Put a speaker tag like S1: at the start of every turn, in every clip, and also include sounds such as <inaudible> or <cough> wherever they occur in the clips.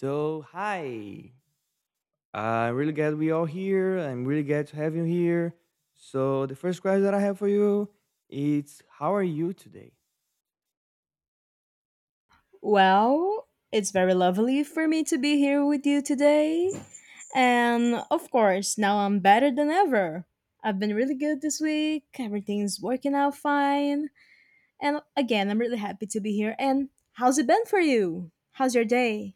S1: So, hi. Uh, I'm really glad we all here. I'm really glad to have you here. So, the first question that I have for you is how are you today?
S2: Well, it's very lovely for me to be here with you today. And of course, now I'm better than ever. I've been really good this week. Everything's working out fine. And again, I'm really happy to be here. And how's it been for you? How's your day?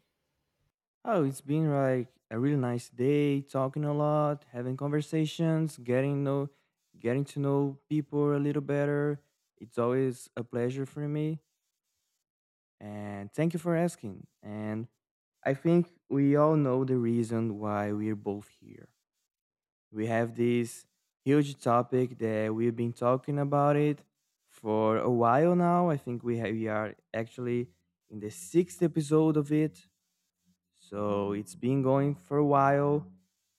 S1: Oh, it's been like a really nice day, talking a lot, having conversations, getting to know people a little better. It's always a pleasure for me, and thank you for asking. And I think we all know the reason why we're both here. We have this huge topic that we've been talking about it for a while now. I think we are actually in the sixth episode of it, so it's been going for a while.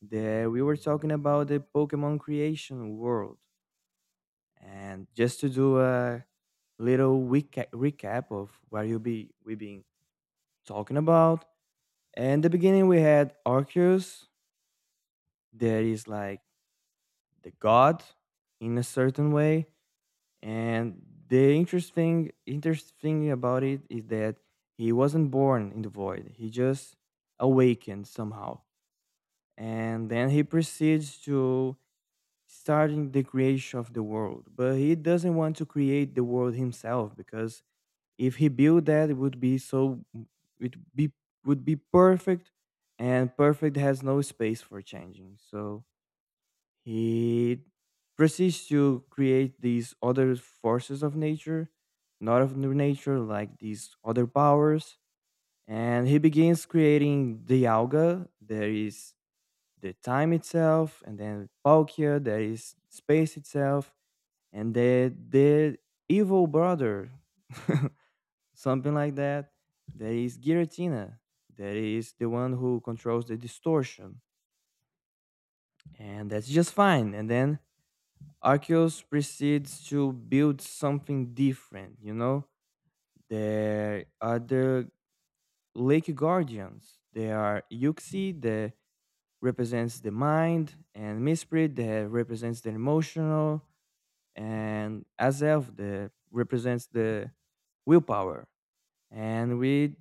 S1: That we were talking about the Pokemon creation world, and just to do a little recap of what you be we've been talking about. And the beginning we had Arceus, that is like the god in a certain way. And the interesting about it is that he wasn't born in the void. He just awakened somehow. And then he proceeds to starting the creation of the world. But he doesn't want to create the world himself because if he built that it would be so it be would be perfect, and perfect has no space for changing. So he proceeds to create these other forces of nature, not of new nature, like these other powers. And he begins creating the alga, there is the time itself, and then Palkia, there is space itself, and the evil brother, <laughs> something like that. There is Giratina. There is the one who controls the distortion, and that's just fine. And then Arceus proceeds to build something different, you know? There are the Lake Guardians. There are Yuxi that represents the mind, and Misprit that represents the emotional, and Azelf that represents the willpower. And we,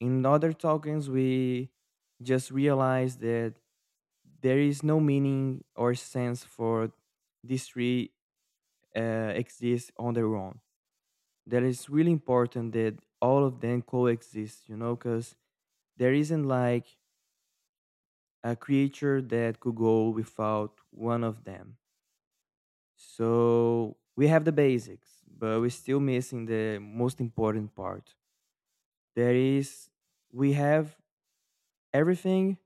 S1: in other tokens, we just realize that there is no meaning or sense for these three exist on their own. That is really important that all of them coexist, you know, because there isn't like a creature that could go without one of them. So we have the basics, but we're still missing the most important part. That is, we have everything,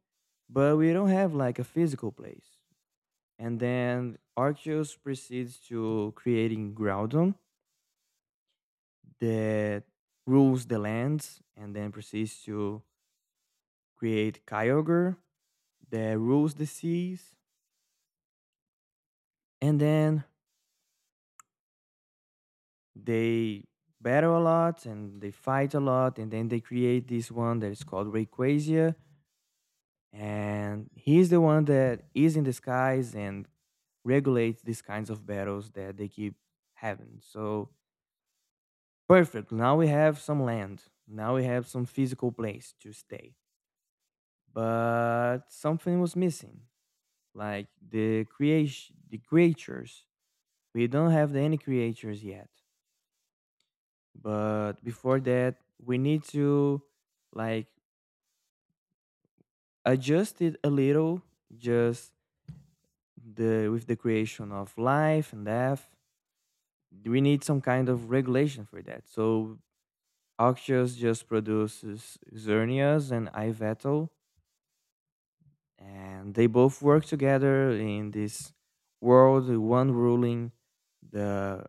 S1: but we don't have like a physical place. And then Arceus proceeds to creating Groudon that rules the lands, and then proceeds to create Kyogre that rules the seas. And then they battle a lot and they fight a lot, and then they create this one that is called Rayquaza, and he's the one that is in the skies and regulates these kinds of battles that they keep having. So perfect, now we have some land, now we have some physical place to stay, but something was missing, like the creation, the creatures. We don't have any creators yet, but before that, we need to like adjust it a little, just the with the creation of life and death. We need some kind of regulation for that. So Auctious just produces Xerneas and Iveto, and they both work together in this world, one ruling the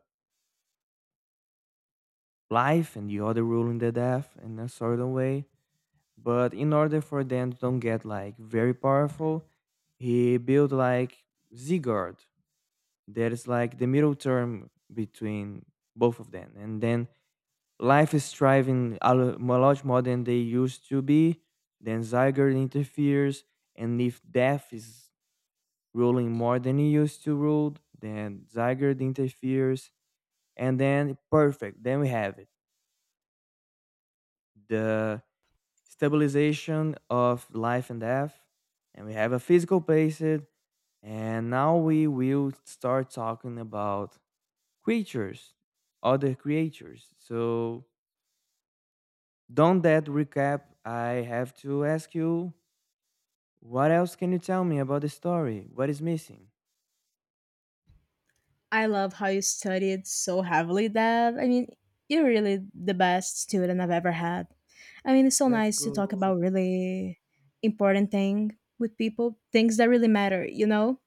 S1: life and the other ruling the death in a certain way. But in order for them to don't get like very powerful, he built like Sigurd. That is like the middle term between both of them. And then life is thriving a lot more than they used to be. Then Sigurd interferes, and if death is ruling more than he used to rule, then Sigurd interferes, and then perfect. Then we have it. The stabilization of life and death, and we have a physical basis. And now we will start talking about creatures, other creatures. So, don't that recap, I have to ask you, what else can you tell me about the story? What is missing?
S2: I love how you studied so heavily, Deb. I mean, you're really the best student I've ever had. I mean, it's so
S1: Let's
S2: nice to talk
S1: go.
S2: about really important thing with people, things that really matter, you know?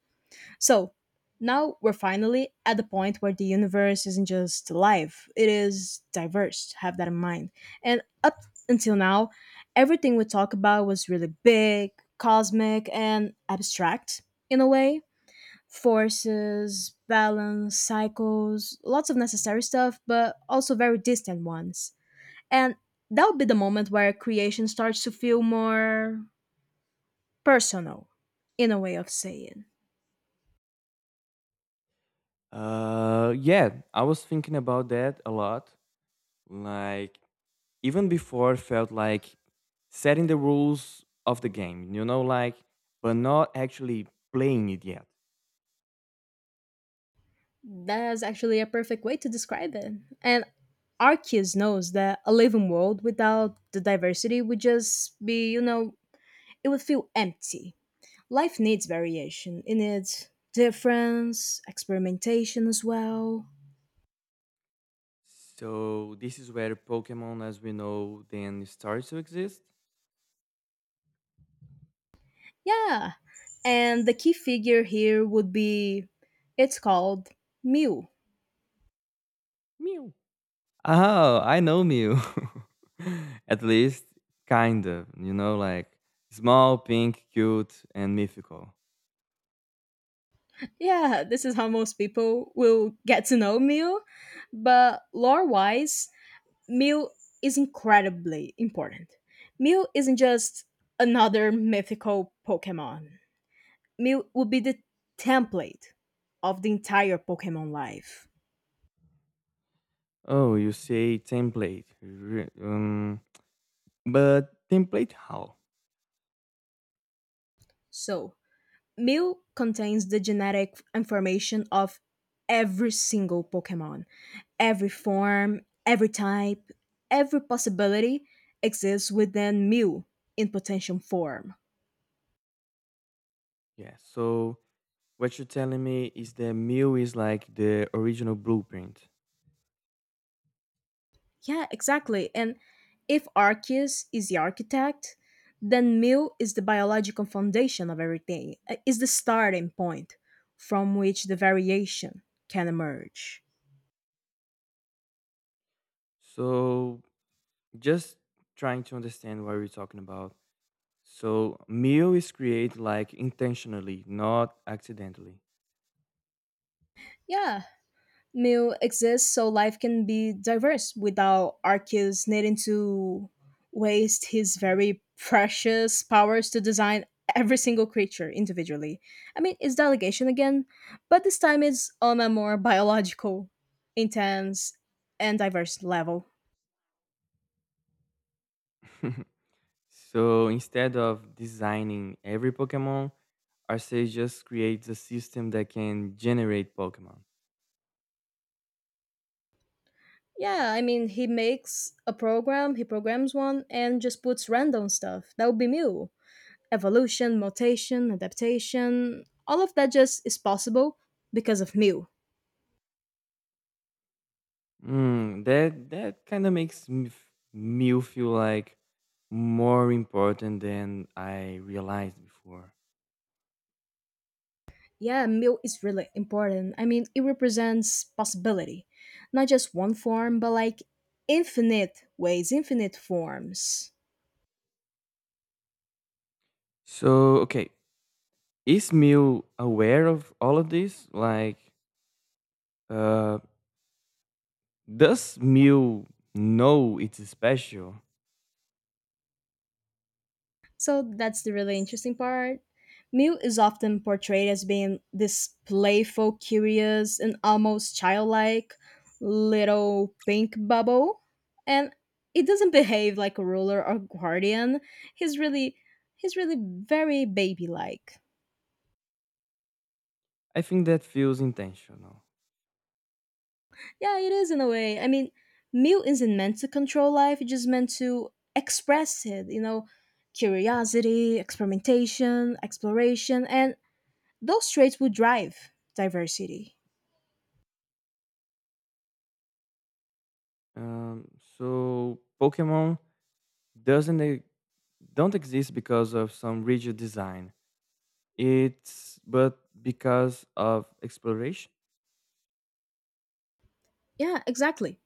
S2: So now we're finally at the point where the universe isn't just live, it is diverse. Have that in mind. And up until now, everything we talked about was really big, cosmic, and abstract in a way. Forces, balance, cycles, lots of necessary stuff, but also very distant ones. And that would be the moment where creation starts to feel more personal, in a way of saying.
S1: Yeah, I was thinking about that a lot. Like, even before felt like setting the rules of the game, you know, like, but not actually playing it yet.
S2: That's actually a perfect way to describe it. And Arceus knows that a living world without the diversity would just be, it would feel empty. Life needs variation. It needs difference, experimentation as well.
S1: So this is where Pokemon, as we know, then starts to exist.
S2: Yeah. And the key figure here would be it's called Mew.
S1: Mew. Oh, I know Mew. <laughs> At least, kind of, you know, like small, pink, cute, and mythical.
S2: Yeah, this is how most people will get to know Mew. But lore wise, meal is incredibly important. Mew isn't just another mythical Pokemon. Mew would be the template of the entire Pokemon life.
S1: Oh, you say template. But template how?
S2: So, Mew contains the genetic information of every single Pokemon. Every form, every type, every possibility exists within Mew in potential form.
S1: Yeah, so what you're telling me is the Mew is like the original blueprint.
S2: Yeah, exactly. And if Arceus is the architect, then Mill is the biological foundation of everything, is the starting point from which the variation can emerge.
S1: So just trying to understand what we're talking about. So Mew is created like intentionally, not accidentally.
S2: Yeah, Meal exists so life can be diverse without Arceus needing to waste his very precious powers to design every single creature individually. I mean, it's delegation again, but this time it's on a more biological, intense, and diverse level.
S1: <laughs> So instead of designing every Pokemon, Arceus just creates a system that can generate Pokemon.
S2: Yeah, I mean, he makes a program, he programs one, and just puts random stuff. That would be Mew. Evolution, mutation, adaptation, all of that just is possible because of Mew.
S1: Mm, that kind of makes me feel like more important than I realized before.
S2: Yeah, milk is really important. I mean, it represents possibility, not just one form, but like infinite ways, infinite forms.
S1: So okay, is Mew aware of all of this? Like, uh, does Mew know it's special?
S2: So that's the really interesting part. Mew is often portrayed as being this playful, curious, and almost childlike little pink bubble. And it doesn't behave like a ruler or guardian. He's really he's really very baby like.
S1: I think that feels intentional.
S2: Yeah, it is in a way. I mean, mute isn't meant to control life, it's just meant to express it, curiosity, experimentation, exploration, and those traits would drive diversity.
S1: Um, so Pokemon doesn't e- don't exist because of some rigid design. It's but because of exploration.
S2: Yeah, exactly.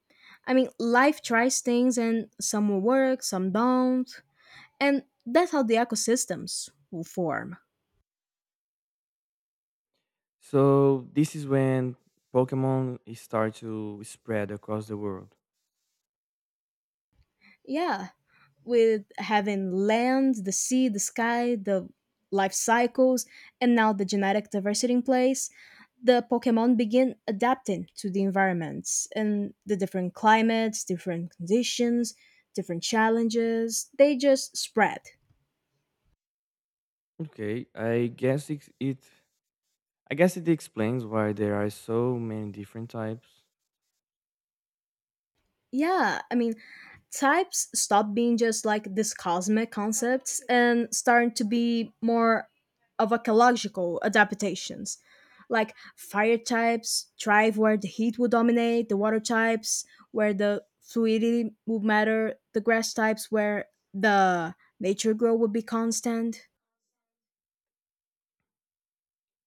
S2: I mean, life tries things and some will work, some don't. And that's how the ecosystems will form.
S1: So this is when Pokemon is start to spread across the world.
S2: Yeah, with having land, the sea, the sky, the life cycles, and now the genetic diversity in place, the Pokemon begin adapting to the environments and the different climates, different conditions, different challenges. They just spread.
S1: Okay, I guess it explains why there are so many different types. <laughs>
S2: Yeah, I mean, types stop being just like these cosmic concepts and starting to be more of ecological adaptations. Like fire types thrive where the heat will dominate, the water types where the fluidity will matter, the grass types where the nature grow will be constant.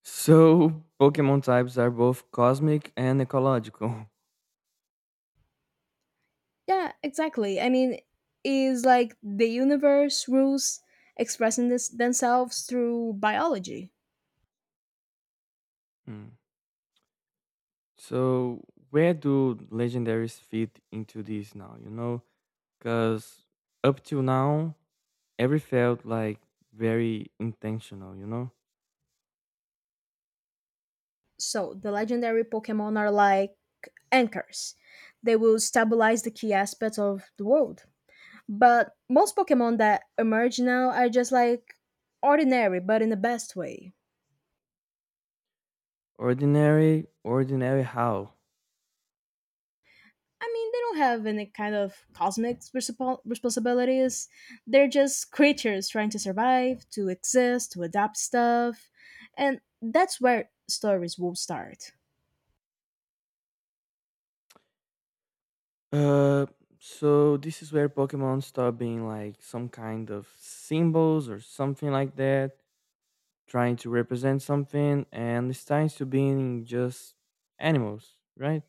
S1: So Pokemon types are both cosmic and ecological. <laughs>
S2: Yeah, exactly. I mean, is like the universe rules expressing this themselves through biology.
S1: Hmm. So where do legendaries fit into this now, you know? Cuz up till now every felt like very intentional, you know?
S2: So the legendary Pokemon are like anchors. They will stabilize the key aspects of the world. But most Pokemon that emerge now are just like ordinary, but in the best way.
S1: Ordinary, ordinary how?
S2: I mean, they don't have any kind of cosmic responsibilities. They're just creatures trying to survive, to exist, to adapt stuff. And that's where stories will start.
S1: Uh, so this is where Pokemon start being like some kind of symbols or something like that, trying to represent something, and it starts to being just animals, right?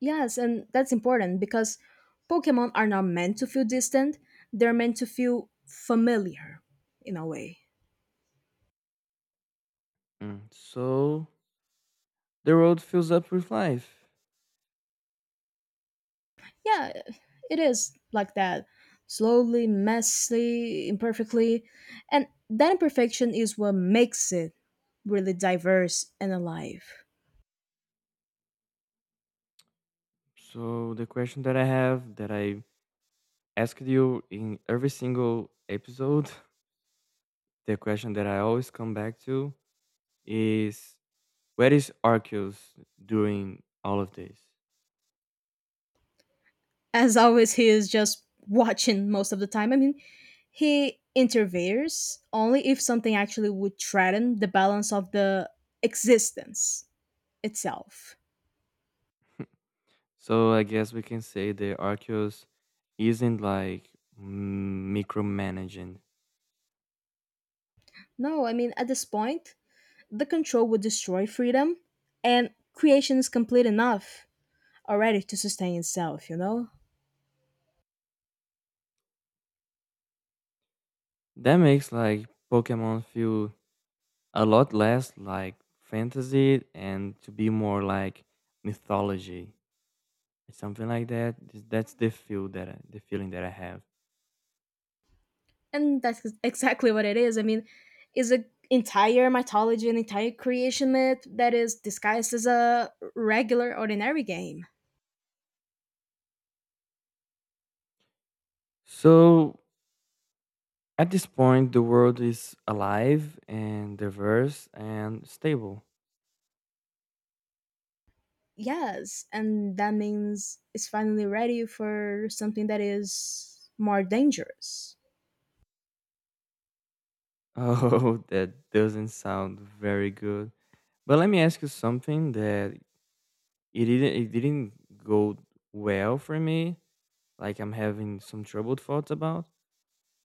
S2: Yes, and that's important because Pokemon are not meant to feel distant, they're meant to feel familiar in a way.
S1: Mm. So the world fills up with life.
S2: Yeah, it is like that. Slowly, messily, imperfectly. And that imperfection is what makes it really diverse and alive.
S1: So the question that I have, that I asked you in every single episode, <laughs> the question that I always come back to is, where is Arceus during all of this?
S2: As always, he is just watching most of the time. I mean, he intervenes only if something actually would threaten the balance of the existence itself.
S1: So I guess we can say the Arceus isn't like micromanaging.
S2: No, I mean, at this point, the control would destroy freedom, and creation is complete enough already to sustain itself, you know?
S1: That makes like Pokemon feel a lot less like fantasy and to be more like mythology. Something like that. That's the feel that the feeling that I have.
S2: And that's exactly what it is. I mean, is an entire mythology, an entire creation myth that is disguised as a regular, ordinary game.
S1: So at this point, the world is alive and diverse and stable. <laughs>
S2: Yes, and that means it's finally ready for something that is more dangerous.
S1: Oh, that doesn't sound very good. But let me ask you something that it didn't go well for me. Like, I'm having some troubled thoughts about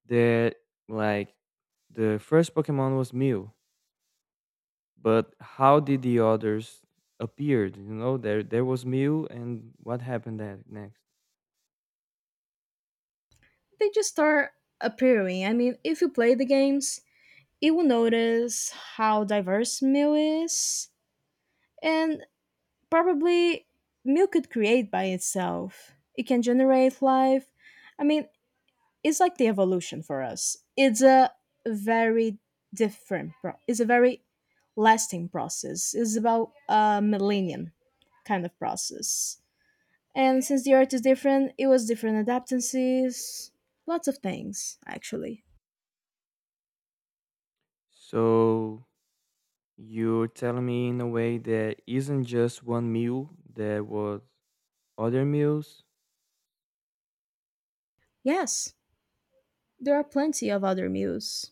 S1: that. Like, the first Pokemon was Mew, but how did the others appeared? You know, there was Mew and what happened that next?
S2: They just start appearing. I mean, if you play the games, you will notice how diverse Mew is, and probably Mew could create by itself. It can generate life. I mean, it's like the evolution for us. It's a very different, it's a very lasting process. It's about a millennium kind of process. And since the earth is different, it was different adaptances, lots of things, actually.
S1: So you're telling me in a way that isn't just one Mew. There was other Mews?
S2: Yes, there are plenty of other muse,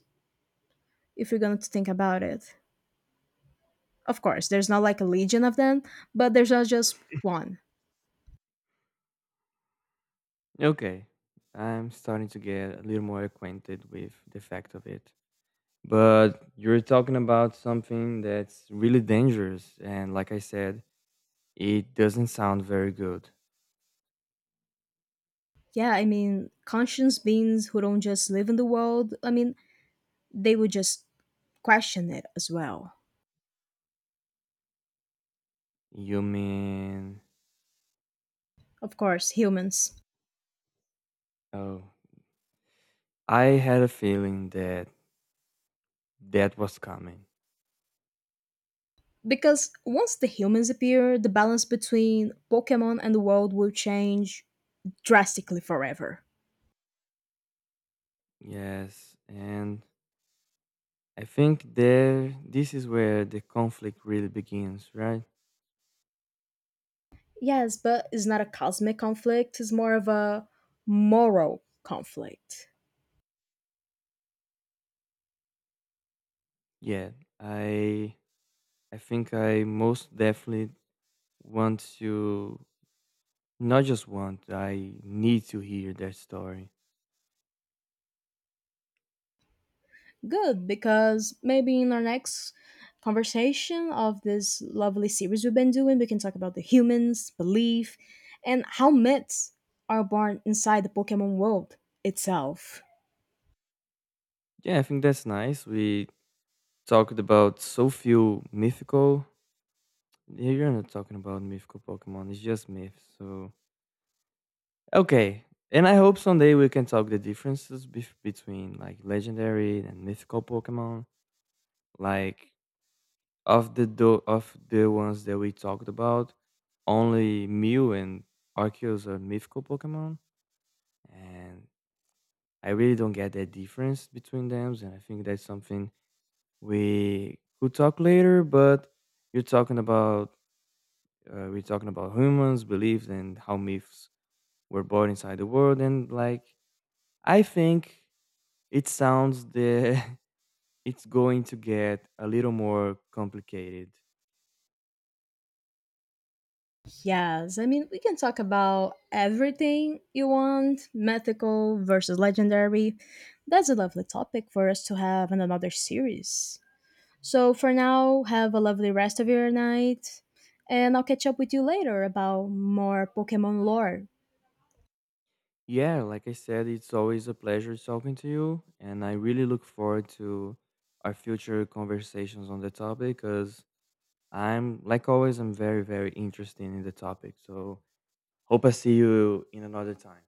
S2: if you're going to think about it. Of course, there's not like a legion of them, but there's not just one.
S1: Okay, I'm starting to get a little more acquainted with the fact of it. But you're talking about something that's really dangerous, and like I said, it doesn't sound very good.
S2: Yeah, I mean, conscious beings who don't just live in the world, I mean, they would just question it as well.
S1: You mean?
S2: Of course, humans.
S1: Oh, I had a feeling that that was coming.
S2: Because once the humans appear, the balance between Pokemon and the world will change drastically forever.
S1: Yes, and I think there this is where the conflict really begins, right?
S2: Yes, but it's not a cosmic conflict, it's more of a moral conflict.
S1: Yeah, i I think I most definitely want to not just want I need to hear their story.
S2: Good, because maybe in our next conversation of this lovely series we've been doing, we can talk about the humans, belief, and how myths are born inside the Pokemon world itself.
S1: Yeah, I think that's nice. We talked about so few mythical. Yeah, you're not talking about mythical Pokemon. It's just myths. So okay, and I hope someday we can talk the differences between like legendary and mythical Pokemon. Like of the ones that we talked about, only Mew and Arceus are mythical Pokemon, and I really don't get that difference between them. And I think that's something we could talk later. But you're talking about we're talking about humans, beliefs, and how myths were born inside the world. And like, I think it sounds the <laughs> it's going to get a little more complicated.
S2: Yes, I mean, we can talk about everything you want mythical versus legendary. That's a lovely topic for us to have in another series. So, for now, have a lovely rest of your night, and I'll catch up with you later about more Pokemon lore.
S1: Yeah, like I said, it's always a pleasure talking to you, and I really look forward to our future conversations on the topic because I'm, like always, I'm very, very interested in the topic. So hope I see you in another time.